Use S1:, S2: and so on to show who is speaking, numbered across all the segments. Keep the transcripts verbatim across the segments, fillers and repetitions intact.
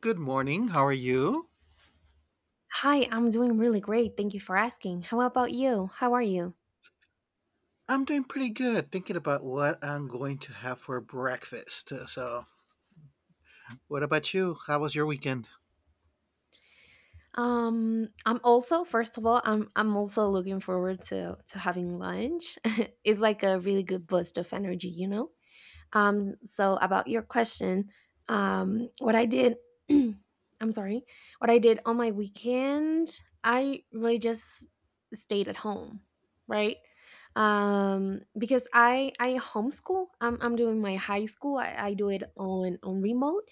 S1: Good morning. How are you?
S2: Hi, I'm doing really great. Thank you for asking. How about you? How are you?
S1: I'm doing pretty good, thinking about what I'm going to have for breakfast. Uh, So, what about you? How was your weekend?
S2: Um, I'm also, first of all, I'm I'm also looking forward to to having lunch. It's like a really good boost of energy, you know? Um, so about your question, um, what I did I'm sorry. What I did on my weekend, I really just stayed at home, right? um because i i homeschool, i'm, I'm doing my high school. I, I do it on on remote.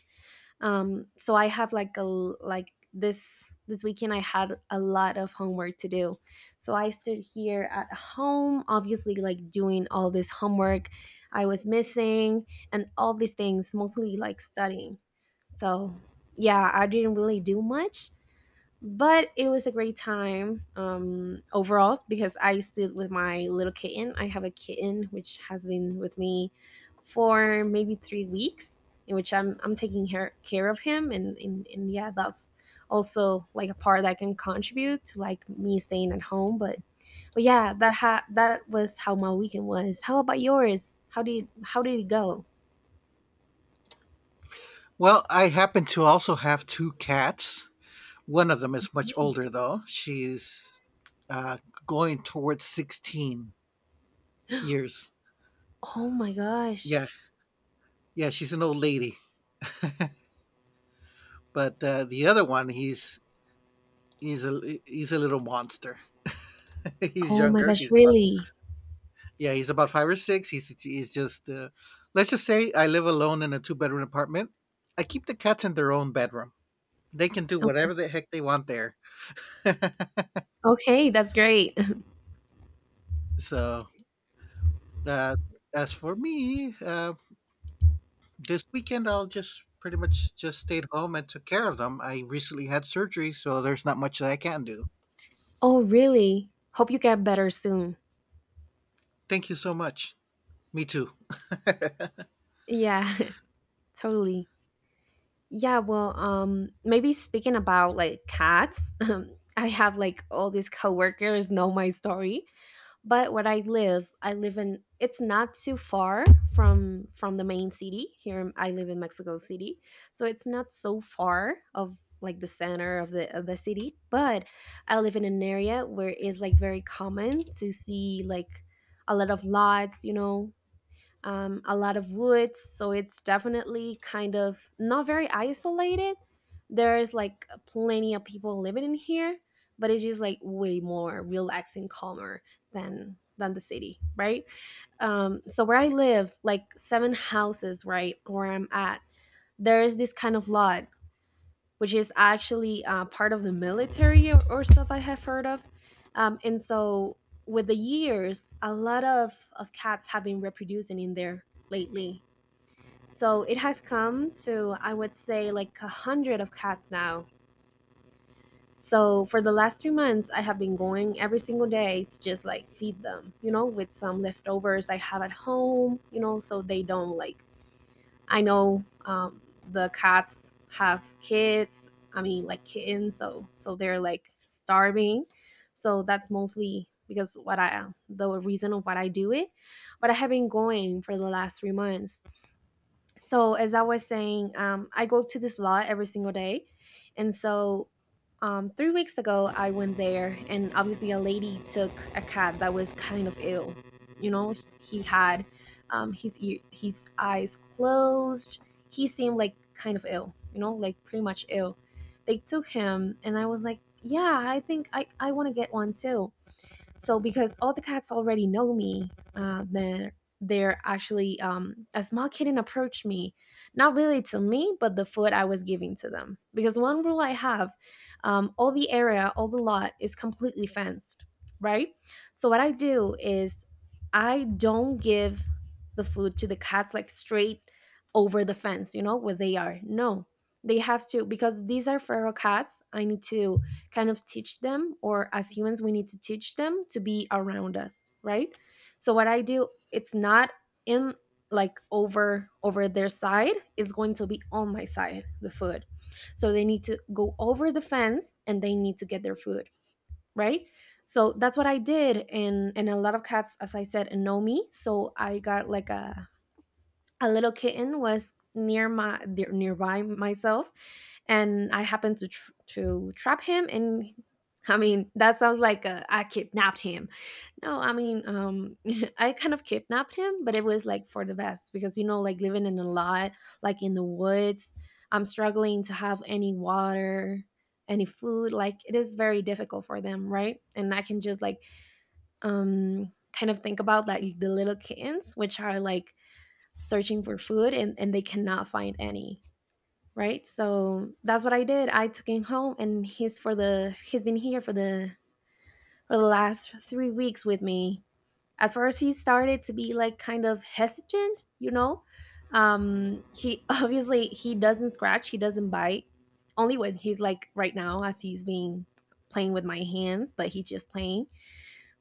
S2: Um so I have like a like this this weekend I had a lot of homework to do. So I stood here at home, obviously, like doing all this homework. I was missing and all these things, mostly like studying. So yeah, I didn't really do much, but it was a great time, um, overall, because I stood with my little kitten. I have a kitten which has been with me for maybe three weeks, in which I'm I'm taking her, care of him, and, and and yeah, that's also like a part that can contribute to like me staying at home. But but yeah, that ha- that was how my weekend was. How about yours? How did how did it go?
S1: Well, I happen to also have two cats. One of them is much older, though. She's uh, going towards sixteen years.
S2: Oh my gosh!
S1: Yeah, yeah, she's an old lady. But uh, the other one, he's he's a he's a little monster. He's
S2: Oh my
S1: younger.
S2: gosh!
S1: He's about.
S2: Really?
S1: Yeah, he's about five or six. He's he's just uh, let's just say I live alone in a two bedroom apartment. I keep the cats in their own bedroom. They can do
S2: Okay.
S1: whatever the heck they want there.
S2: Okay, that's great.
S1: So uh, as for me, uh, this weekend I'll just pretty much just stayed home and took care of them. I recently had surgery, so there's not much that I can do.
S2: Oh, really? Hope you get better soon.
S1: Thank you so much. Me too.
S2: Yeah, totally. Yeah, well, um, maybe speaking about like cats, um, I have like all these coworkers know my story, but where I live, I live in it's not too far from from the main city. Here I live in Mexico City, so it's not so far of like the center of the of the city, but I live in an area where it's like very common to see like a lot of lights, you know, um, a lot of woods, so it's definitely kind of not very isolated. There's like plenty of people living in here, but it's just like way more relaxing, calmer than than the city, right? Um, so where I live, like seven houses, right, where I'm at, there's this kind of lot which is actually uh, part of the military or, or stuff I have heard of. Um, and so, with the years, a lot of, of cats have been reproducing in there lately. So, it has come to, I would say, like a hundred of cats now. So, for the last three months, I have been going every single day to just like feed them, you know, with some leftovers I have at home, you know, so they don't like I know um, the cats have kids. I mean, like kittens, so so they're like starving. So that's mostly because what I the reason of what I do it. But I have been going for the last three months, so as I was saying, um, I go to this lot every single day, and so um, three weeks ago I went there, and obviously a lady took a cat that was kind of ill, you know. He had um, his ear, his eyes closed. He seemed like kind of ill, you know, like pretty much ill. They took him and I was like, yeah, I think i, I want to get one too. So because all the cats already know me, uh, then they're actually, um, a small kitten approached me, not really to me, but the food I was giving to them. Because one rule I have, um, all the area, all the lot is completely fenced, right? So what I do is I don't give the food to the cats like straight over the fence, you know, where they are. No, they have to, because these are feral cats. I need to kind of teach them, or as humans we need to teach them to be around us, right? So what I do, it's not in like over over their side, it's going to be on my side, the food. So they need to go over the fence and they need to get their food, right? So that's what I did. And and a lot of cats, as I said, know me, so I got like a a little kitten was near my dear- nearby myself, and I happened to tr- to trap him, and he- I mean that sounds like uh, I kidnapped him. No, I mean um I kind of kidnapped him, but it was like for the best because, you know, like living in a lot, like in the woods, I'm struggling to have any water, any food. Like it is very difficult for them, right? And I can just like um kind of think about like the little kittens which are like searching for food, and, and they cannot find any, right? So that's what I did. I took him home, and he's for the he's been here for the for the last three weeks with me. At first he started to be like kind of hesitant, you know. Um he obviously he doesn't scratch, he doesn't bite, only when he's like right now as he's being playing with my hands, but he's just playing.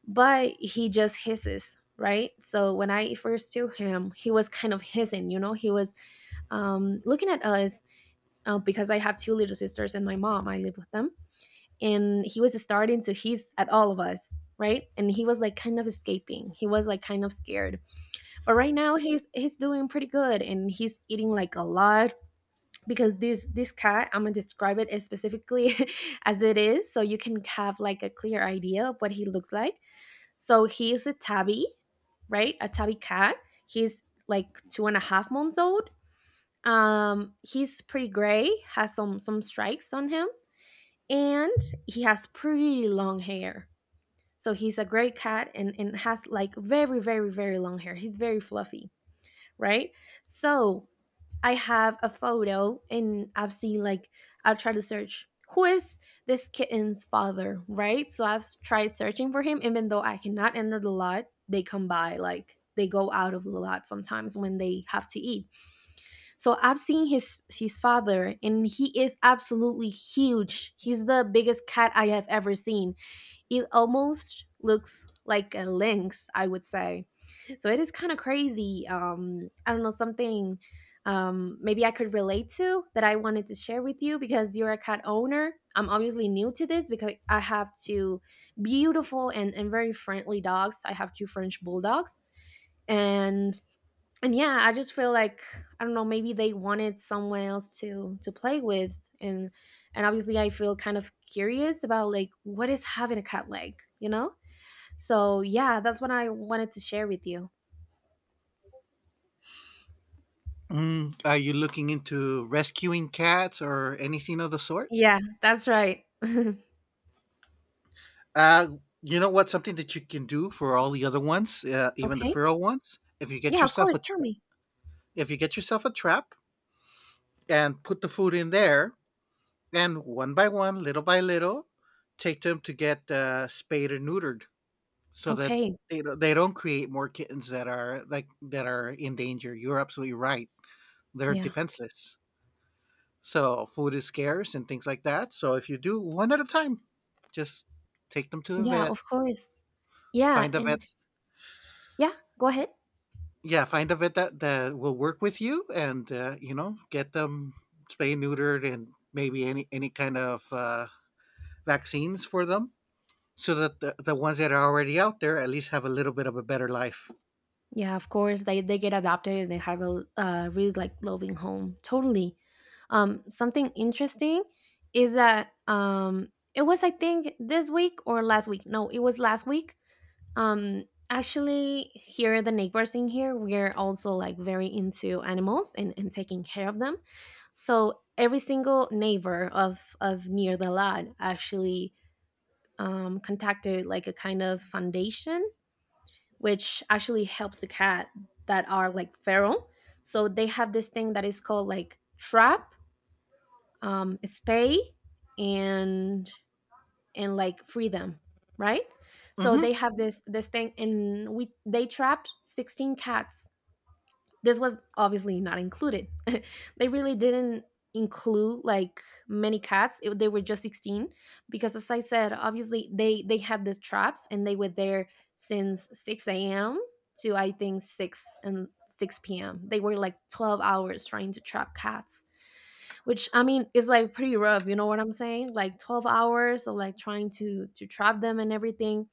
S2: But he just hisses, right? So when I first took him he was kind of hissing, you know. He was um, looking at us, uh, because I have two little sisters and my mom, I live with them. And he was starting to hiss at all of us, right? And he was like kind of escaping. He was like kind of scared. But right now he's he's doing pretty good and he's eating like a lot, because this this cat, I'm gonna describe it as specifically as it is, so you can have like a clear idea of what he looks like. So he is a tabby, right? A tabby cat. He's like two and a half months old. Um, he's pretty gray, has some some stripes on him, and he has pretty long hair. So he's a gray cat and and has like very very very long hair. He's very fluffy, right? So I have a photo, and I've seen like I'll try to search who is this kitten's father, right? So I've tried searching for him, even though I cannot enter the lot. They come by like they go out of the lot sometimes when they have to eat. So I've seen his his father, and he is absolutely huge. He's the biggest cat I have ever seen. It almost looks like a lynx, I would say. So it is kind of crazy. Um, I don't know something. Um, maybe I could relate to that. I wanted to share with you because you're a cat owner. I'm obviously new to this because I have two beautiful and, and very friendly dogs. I have two French bulldogs, and and yeah, I just feel like I don't know, maybe they wanted someone else to to play with, and and obviously I feel kind of curious about like what is having a cat like, you know? So yeah, that's what I wanted to share with you.
S1: Mm, are you looking into rescuing cats or anything of the sort?
S2: Yeah, that's right.
S1: Uh, you know what? Something that you can do for all the other ones, uh, even the
S2: Okay.
S1: feral ones, if you get
S2: Yeah, of
S1: yourself a
S2: course, tell
S1: tra-
S2: me.
S1: if you get yourself a trap and put the food in there, and one by one, little by little, take them to get uh, spayed or neutered, so that
S2: Okay.
S1: they don't- they don't create more kittens that are like that are in danger. You're absolutely right. They're
S2: Yeah.
S1: defenseless, so food is scarce and things like that. So if you do one at a time, just take them to the
S2: Yeah,
S1: vet,
S2: of course. Yeah,
S1: find a vet.
S2: and yeah, go ahead.
S1: Yeah, find a vet that that will work with you, and uh, you know, get them spay neutered and maybe any any kind of uh, vaccines for them, so that the, the ones that are already out there at least have a little bit of a better life.
S2: Yeah, of course they they get adopted and they have a uh, really like loving home. Totally. Um, something interesting is that um, it was I think this week or last week. No, it was last week. Um, actually, here the neighbors in here we're also like very into animals and and taking care of them. So every single neighbor of of near the lot actually, um, contacted like a kind of foundation which actually helps the cat that are like feral. So they have this thing that is called like trap, um, spay, and and like freedom, right? So
S1: Mm-hmm.
S2: they have this this thing, and we they trapped sixteen cats. This was obviously not included. They really didn't include like many cats. It, they were just sixteen, because as I said, obviously they they had the traps and they were there since six a m to I think six and six p m. They were like twelve hours trying to trap cats. Which I mean is like pretty rough, you know what I'm saying? Like twelve hours of like trying to to trap them and everything,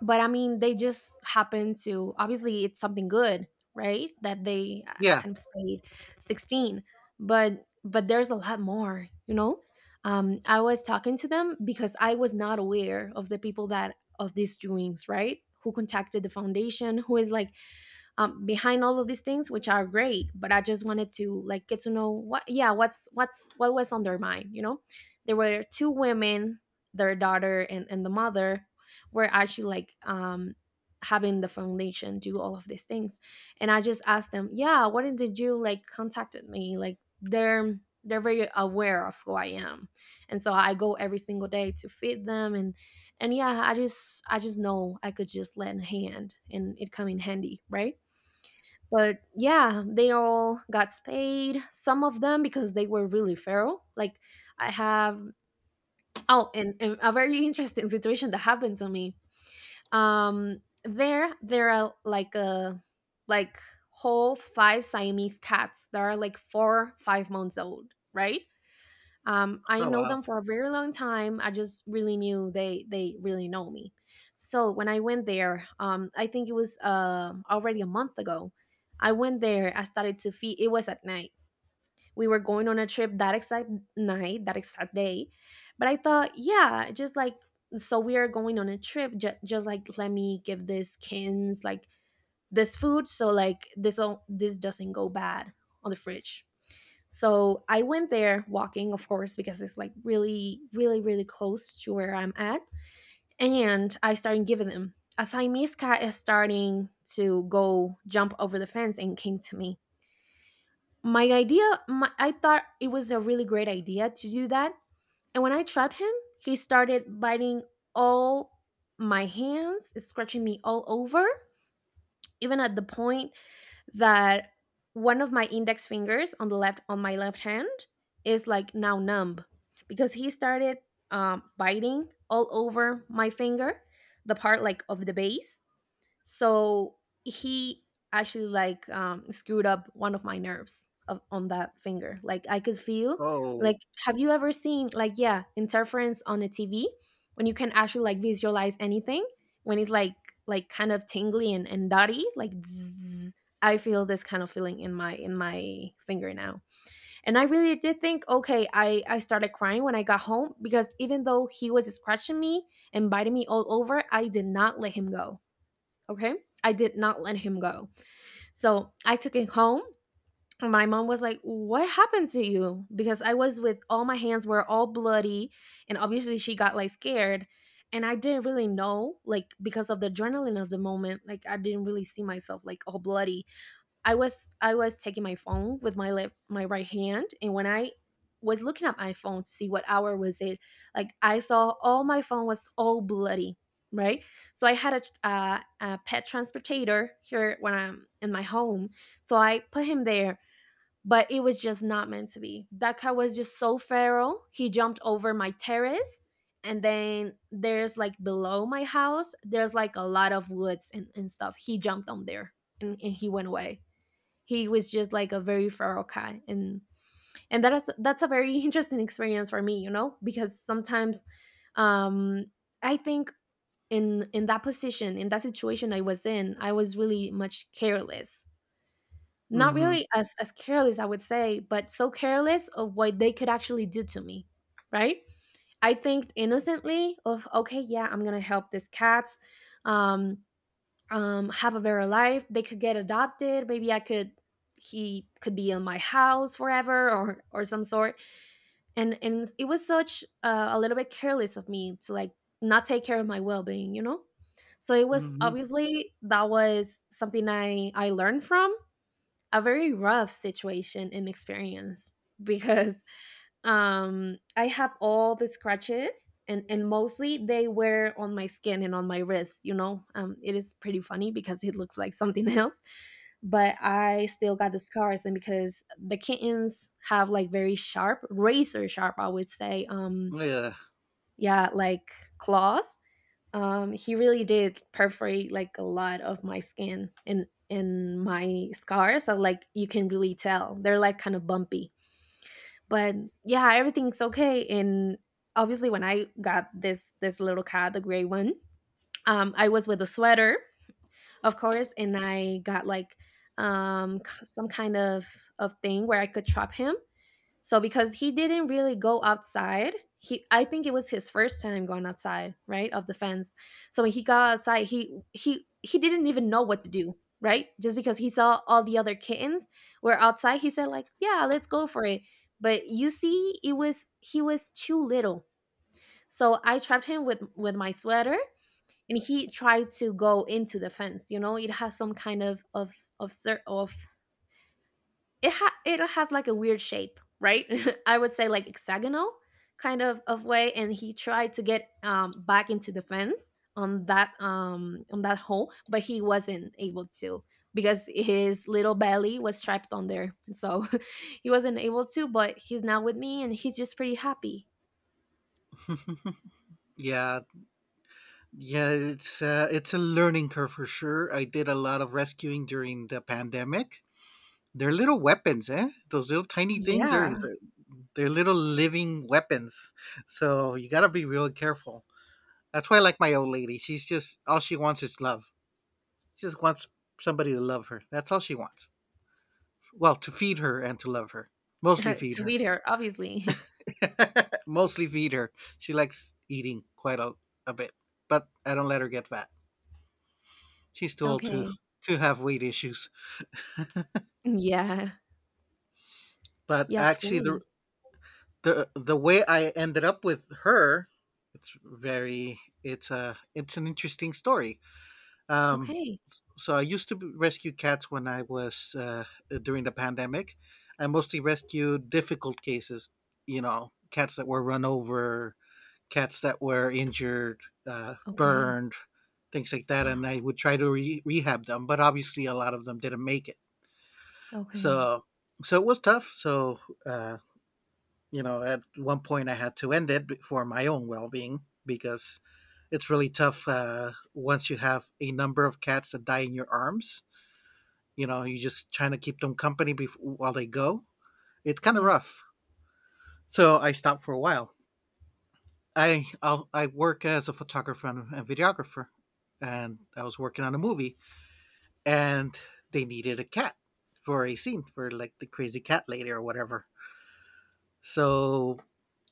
S2: but I mean, they just happen to obviously it's something good, right? That they uh,
S1: Yeah.
S2: kind of stayed sixteen, but but there's a lot more, you know. Um, I was talking to them because I was not aware of the people that of these doings, right? Who contacted the foundation? Who is like um, behind all of these things which are great, but I just wanted to like get to know what, yeah, what's what's what was on their mind you know There were two women, their daughter and, and the mother were actually like um having the foundation do all of these things. And I just asked them, yeah, why did you like contacted me? Like they're they're very aware of who I am. And so I go every single day to feed them, and and yeah, i just i just know I could just lend a hand and it come in handy, right? But yeah, they all got spayed. Some of them because they were really feral. Like I have oh, and, and a very interesting situation that happened to me. Um, there there are like a like whole five Siamese cats that are like four five months old, right? um, I
S1: Oh
S2: know
S1: wow.
S2: them for a very long time. I just really knew they they really know me. So when I went there, um, I think it was uh, already a month ago. I went there. I started to feel it was at night. We were going on a trip that exact night, that exact day. But I thought, yeah, just like, so we are going on a trip. Just, just like, let me give these kids like this food, so like this o- this doesn't go bad on the fridge. So I went there walking, of course, because it's like really, really, really close to where I'm at. And I started giving them. As Siamese is starting to go jump over the fence and came to me. My idea, my, I thought it was a really great idea to do that. And when I trapped him, he started biting all my hands, scratching me all over, even at the point that one of my index fingers on the left on my left hand is like now numb, because he started um, biting all over my finger, the part like of the base. So he actually like um, screwed up one of my nerves of, on that finger. Like, I could feel,
S1: Oh.
S2: like, have you ever seen like, yeah, interference on a TV, when you can actually like visualize anything, when it's like like kind of tingly and, and dotty, like zzz? I feel this kind of feeling in my in my finger now. And I really did think, okay, i i started crying when I got home, because even though he was scratching me and biting me all over, I did not let him go. Okay. I did not let him go. So I took it home. My mom was like, "What happened to you?" Because I was with all, my hands were all bloody. And obviously she got like scared. And I didn't really know, like, because of the adrenaline of the moment, like, I didn't really see myself like all bloody. I was I was taking my phone with my left, my right hand, and when I was looking at my phone to see what hour was it, like, I saw all my phone was all bloody, right? So I had a, uh, a pet transportator here when I'm in my home, so I put him there. But it was just not meant to be. That cat was just so feral, he jumped over my terrace, and then there's like below my house, there's like a lot of woods and, and stuff. He jumped on there, and, and he went away. He was just like a very feral cat. And and that is that's a very interesting experience for me, you know, because sometimes um I think, in in that position, in that situation I was in, I was really much careless. Not
S1: Mm-hmm.
S2: really as as careless, I would say, but so careless of what they could actually do to me, right? I think innocently of, okay, yeah, I'm gonna help these cats, um um, have a better life. They could get adopted. Maybe I could he could be in my house forever or or some sort. And and it was such uh, a little bit careless of me to like not take care of my well being, you know. So it was
S1: Mm-hmm.
S2: obviously, that was something I I learned from a very rough situation and experience because um I have all the scratches and and mostly they were on my skin and on my wrists you know um It is pretty funny because it looks like something else, but I still got the scars. And because the kittens have like very sharp, razor sharp, I would say, um
S1: Yeah.
S2: yeah, like, claws. Um he really did perforate like a lot of my skin and and my scars, so like you can really tell they're like kind of bumpy. But yeah, everything's okay. And obviously when I got this this little cat, the gray one, um I was with a sweater, of course, and I got like um k- some kind of of thing where I could trap him. So because he didn't really go outside, he, I think it was his first time going outside, right, of the fence. So when he got outside, he he he didn't even know what to do, right? Just because he saw all the other kittens were outside, he said like, "Yeah, let's go for it." But you see, it was he was too little. So I trapped him with with my sweater, and he tried to go into the fence, you know? It has some kind of of of cer- of it ha- it has like a weird shape, right? I would say like hexagonal kind of of way, and he tried to get um, back into the fence, on that um on that hole, but he wasn't able to, because his little belly was trapped on there, so he wasn't able to. But he's now with me, and he's just pretty happy.
S1: Yeah. Yeah. It's uh, it's a learning curve for sure. I did a lot of rescuing during the pandemic. They're little weapons, eh? Those little tiny things are.
S2: Yeah,
S1: They're little living weapons. So you gotta be really careful. That's why I like my old lady. She's just all she wants is love. She just wants somebody to love her. That's all she wants. Well, to feed her and to love her. Mostly feed
S2: to
S1: her.
S2: be there, obviously.
S1: Mostly feed her. She likes eating quite a, a bit. But I don't let her get fat. She's too old to
S2: Okay.
S1: to have weight issues.
S2: Yeah.
S1: But
S2: Yeah.
S1: actually the
S2: Totally.
S1: the the way I ended up with her, it's very it's a it's an interesting story. Um,
S2: Okay.
S1: so I used to b- rescue cats when I was uh, during the pandemic. I mostly rescued difficult cases, you know, cats that were run over, cats that were injured, uh,
S2: Okay.
S1: burned, things like that. And I would try to re- rehab them, but obviously a lot of them didn't make it.
S2: Okay.
S1: So, so it was tough. So, uh, you know, at one point I had to end it for my own well-being because it's really tough uh, once you have a number of cats that die in your arms, you know, you're just trying to keep them company bef- while they go. It's kind of
S2: Yeah.
S1: rough. So I stopped for a while. I I'll, I work as a photographer and and videographer, and I was working on a movie, and they needed a cat for a scene for like the crazy cat lady or whatever. So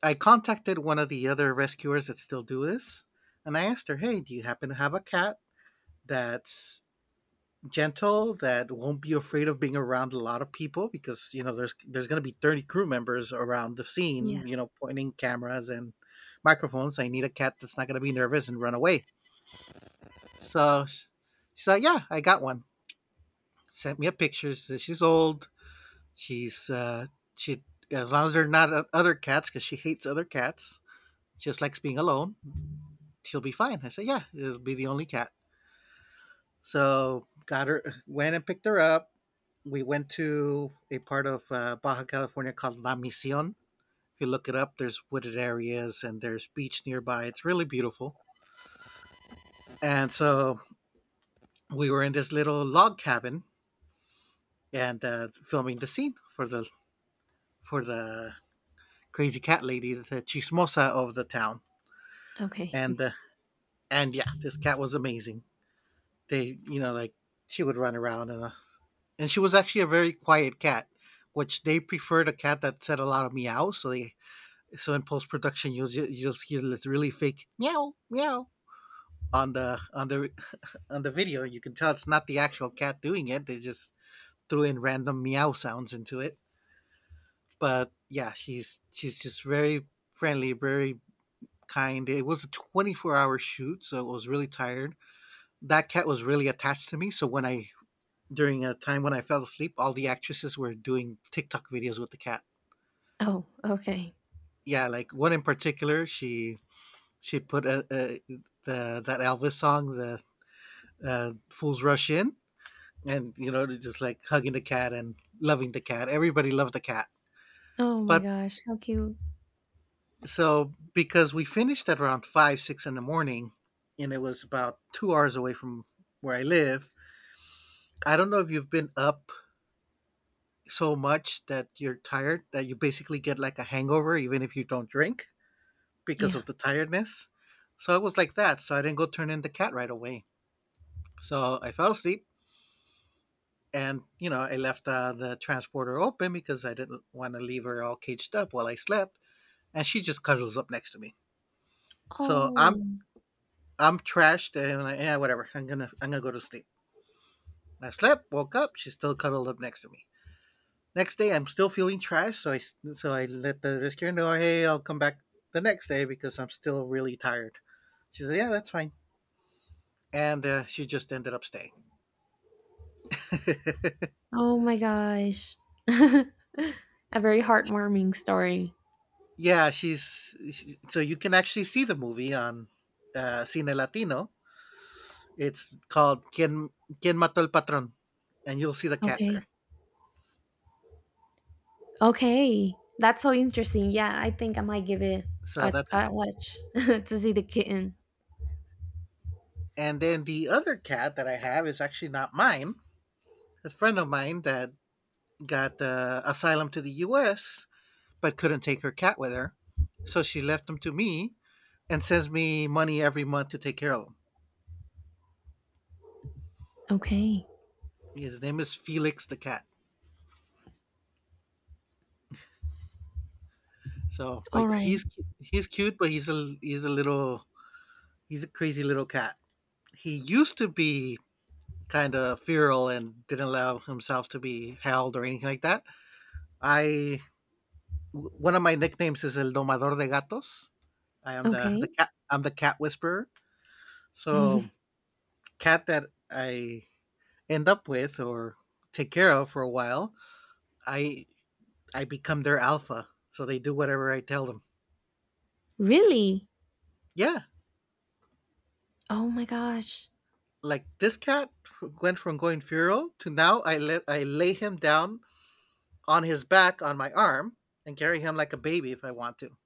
S1: I contacted one of the other rescuers that still do this, and I asked her, "Hey, do you happen to have a cat that's gentle that won't be afraid of being around a lot of people because you know there's there's going to be thirty crew members around the scene,
S2: Yeah.
S1: you know, pointing cameras and microphones. I need a cat that's not going to be nervous and run away." So sh- she's like, yeah, I got one. Sent me a picture, says she's old, she's uh she, as long as they're not o- other cats, because she hates other cats, she just likes being alone, she'll be fine. I said, yeah, it'll be the only cat. So got her, went and picked her up. We went to a part of uh, Baja California called La Misión. If you look it up, there's wooded areas and there's beach nearby. It's really beautiful. And so we were in this little log cabin and uh, filming the scene for the for the crazy cat lady, the chismosa of the town.
S2: Okay.
S1: And uh, and yeah, this cat was amazing. They, you know, like she would run around and uh, and she was actually a very quiet cat, which they preferred a cat that said a lot of meow. So they, so in post production you'll you'll see this really fake meow meow on the on the on the video. You can tell it's not the actual cat doing it. They just threw in random meow sounds into it. But yeah, she's she's just very friendly, very kind. It was a twenty-four hour shoot, so it was really tired. That cat was really attached to me. So when I during a time when I fell asleep, all the actresses were doing TikTok videos with the cat.
S2: Oh, okay.
S1: Yeah, like one in particular, she she put a, a the, that Elvis song, the uh, "Fools Rush In," and you know, just like hugging the cat and loving the cat. Everybody loved the cat,
S2: Oh my
S1: but
S2: gosh, how cute.
S1: so because we finished at around five, six in the morning, and it was about two hours away from where I live. I don't know if you've been up so much that you're tired that you basically get like a hangover, even if you don't drink, because
S2: Yeah.
S1: of the tiredness. So it was like that. So I didn't go turn in the cat right away. So I fell asleep and, you know, I left uh, the transporter open because I didn't want to leave her all caged up while I slept. And she just cuddles up next to me. So I'm
S2: Oh.
S1: I'm trashed and I'm like, yeah, whatever. I'm gonna I'm gonna go to sleep. I slept, woke up, she's still cuddled up next to me. Next day, I'm still feeling trashed, so I s- so I let the rescuer know, hey, I'll come back the next day because I'm still really tired. She said, yeah, that's fine, and uh, she just ended up staying.
S2: Oh my gosh. A very heartwarming story.
S1: Yeah, she's she- so you can actually see the movie on uh, Cine Latino. It's called "Quien Quien Mató el Patrón," and you'll see the cat there.
S2: Okay. Okay. That's so interesting. Yeah, I think I might give it
S1: So
S2: a,
S1: that's,
S2: a watch to see the kitten.
S1: and then the other cat that I have is actually not mine. A friend of mine that got uh, asylum to the U S but couldn't take her cat with her, so she left him to me and sends me money every month to take care of him.
S2: Okay.
S1: His name is Felix the cat. So,
S2: All
S1: like
S2: right.
S1: he's cu- he's cute, but he's a he's a little. He's a crazy little cat. He used to be kind of feral and didn't allow himself to be held or anything like that. I one of my nicknames is El Domador de Gatos. I am the the
S2: Okay.
S1: cat. I'm the cat whisperer. So cat that I end up with or take care of for a while, I I become their alpha. So they do whatever I tell them.
S2: Really?
S1: Yeah,
S2: Oh my gosh.
S1: like this cat went from going feral to now I let I lay him down on his back on my arm and carry him like a baby if I want to.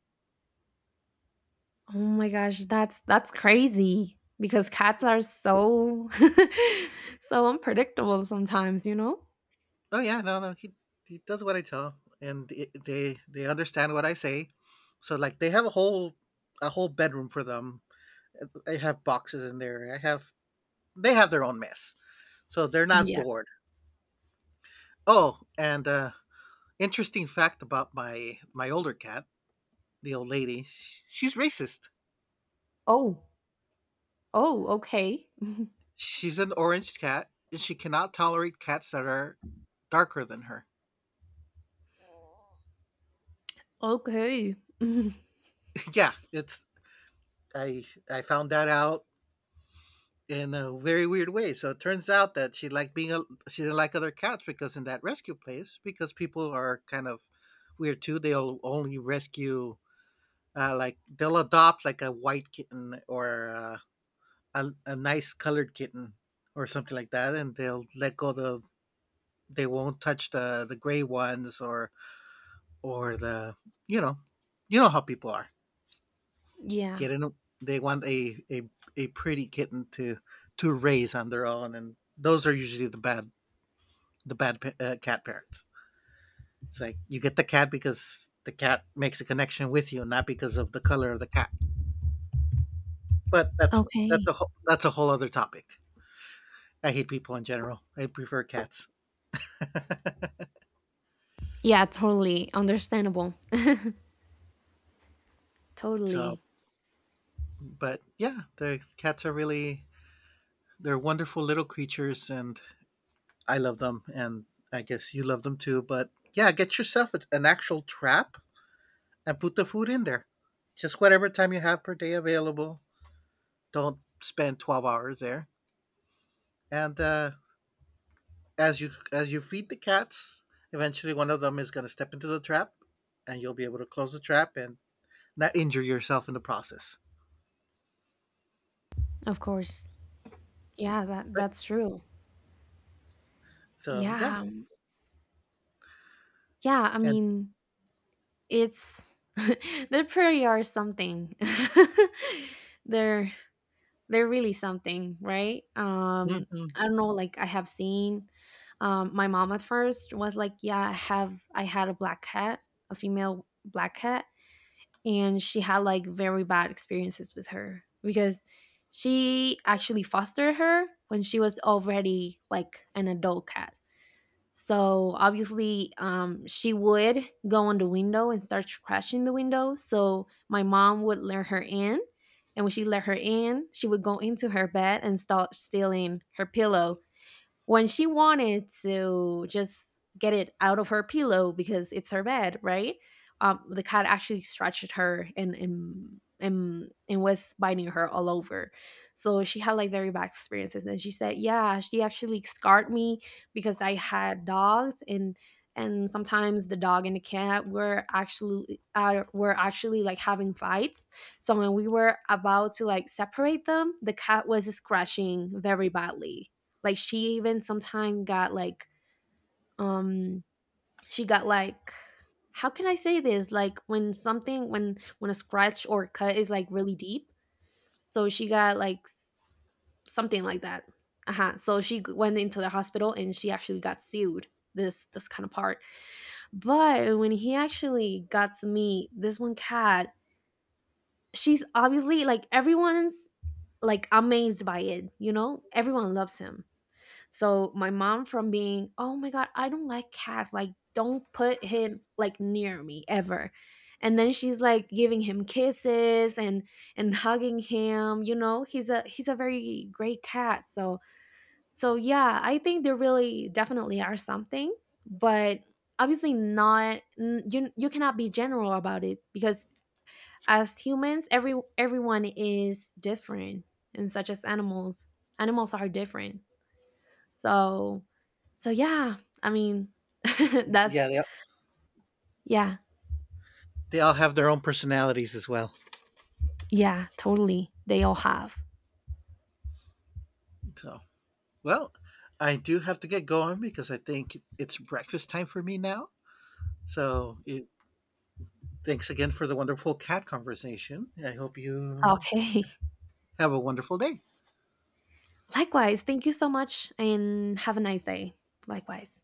S2: Oh my gosh, that's that's crazy because cats are so so unpredictable sometimes, you know?
S1: Oh yeah, no, no, he he does what I tell him, and it- they they understand what I say. So like they have a whole a whole bedroom for them. I have boxes in there. I have they have their own mess, so they're not
S2: Yeah.
S1: bored. Oh, and uh, interesting fact about my my older cat, the old lady. She's racist.
S2: Oh, Oh, okay.
S1: She's an orange cat, and she cannot tolerate cats that are darker than her.
S2: Okay.
S1: Yeah, it's, I I found that out in a very weird way. So it turns out that she liked being a she didn't like other cats because in that rescue place, because people are kind of weird too. They'll only rescue uh, like they'll adopt like a white kitten or uh, a a nice colored kitten or something like that, and they'll let go the they won't touch the the gray ones, or or the you know, you know how people are
S2: Yeah.
S1: getting, they want a, a a pretty kitten to to raise on their own, and those are usually the bad the bad uh, cat parents. It's like you get the cat because the cat makes a connection with you, not because of the color of the cat. But that's that's
S2: Okay.
S1: a whole, that's a whole other topic. I hate people in general, I prefer cats.
S2: Yeah, totally understandable.
S1: So
S2: Totally.
S1: but yeah, the cats are really, they're wonderful little creatures, and I love them, and I guess you love them too. But yeah, get yourself an actual trap and put the food in there. Just whatever time you have per day available. Don't spend twelve hours there. And uh, as you as you feed the cats, eventually one of them is going to step into the trap, and you'll be able to close the trap and not injure yourself in the process.
S2: Of course. Yeah, that
S1: But,
S2: that's true.
S1: so yeah,
S2: Yeah. Yeah, I
S1: and
S2: mean, it's they pretty are something. they're they're really something, right? Um
S1: mhm.
S2: I don't know, like I have seen um my mom at first was like, "Yeah, I have I had a black cat, a female black cat," and she had like very bad experiences with her, because she actually fostered her when she was already like an adult cat. So obviously, um, she would go on the window and start crashing the window. So my mom would let her in, and when she let her in, she would go into her bed and start stealing her pillow, when she wanted to just get it out of her pillow because it's her bed, right? Um, the cat actually scratched her and and and and was biting her all over. So she had like very bad experiences. And she said, "Yeah, she actually scarred me because I had dogs and." And sometimes the dog and the cat were actually uh, were actually like having fights. So when we were about to like separate them, the cat was scratching very badly. Like, she even sometimes got like um she got like, how can I say this? Like, when something when when a scratch or cut is like really deep. So she got like s- something like that. Uh-huh. So she g- went into the hospital and she actually got sued. This this kind of part. But when he actually got to meet this one cat, she's obviously like everyone's like amazed by it, you know? Everyone loves him. So my mom from being, "Oh my god, I don't like cats. Like, don't put him like near me ever." And then she's like giving him kisses and and hugging him, you know? He's a he's a very great cat. So so yeah, I think they really definitely are something, but obviously not n- you you cannot be general about it, because as humans, every everyone is different, and such as animals. Animals are different. So so yeah, I mean, that's
S1: Yeah, they
S2: yeah,
S1: they all have their own personalities as well.
S2: yeah, totally. They all have.
S1: So well, I do have to get going because I think it's breakfast time for me now. So it, thanks again for the wonderful cat conversation. I hope you
S2: Okay.
S1: have a wonderful day.
S2: Likewise, thank you so much and have a nice day. Likewise.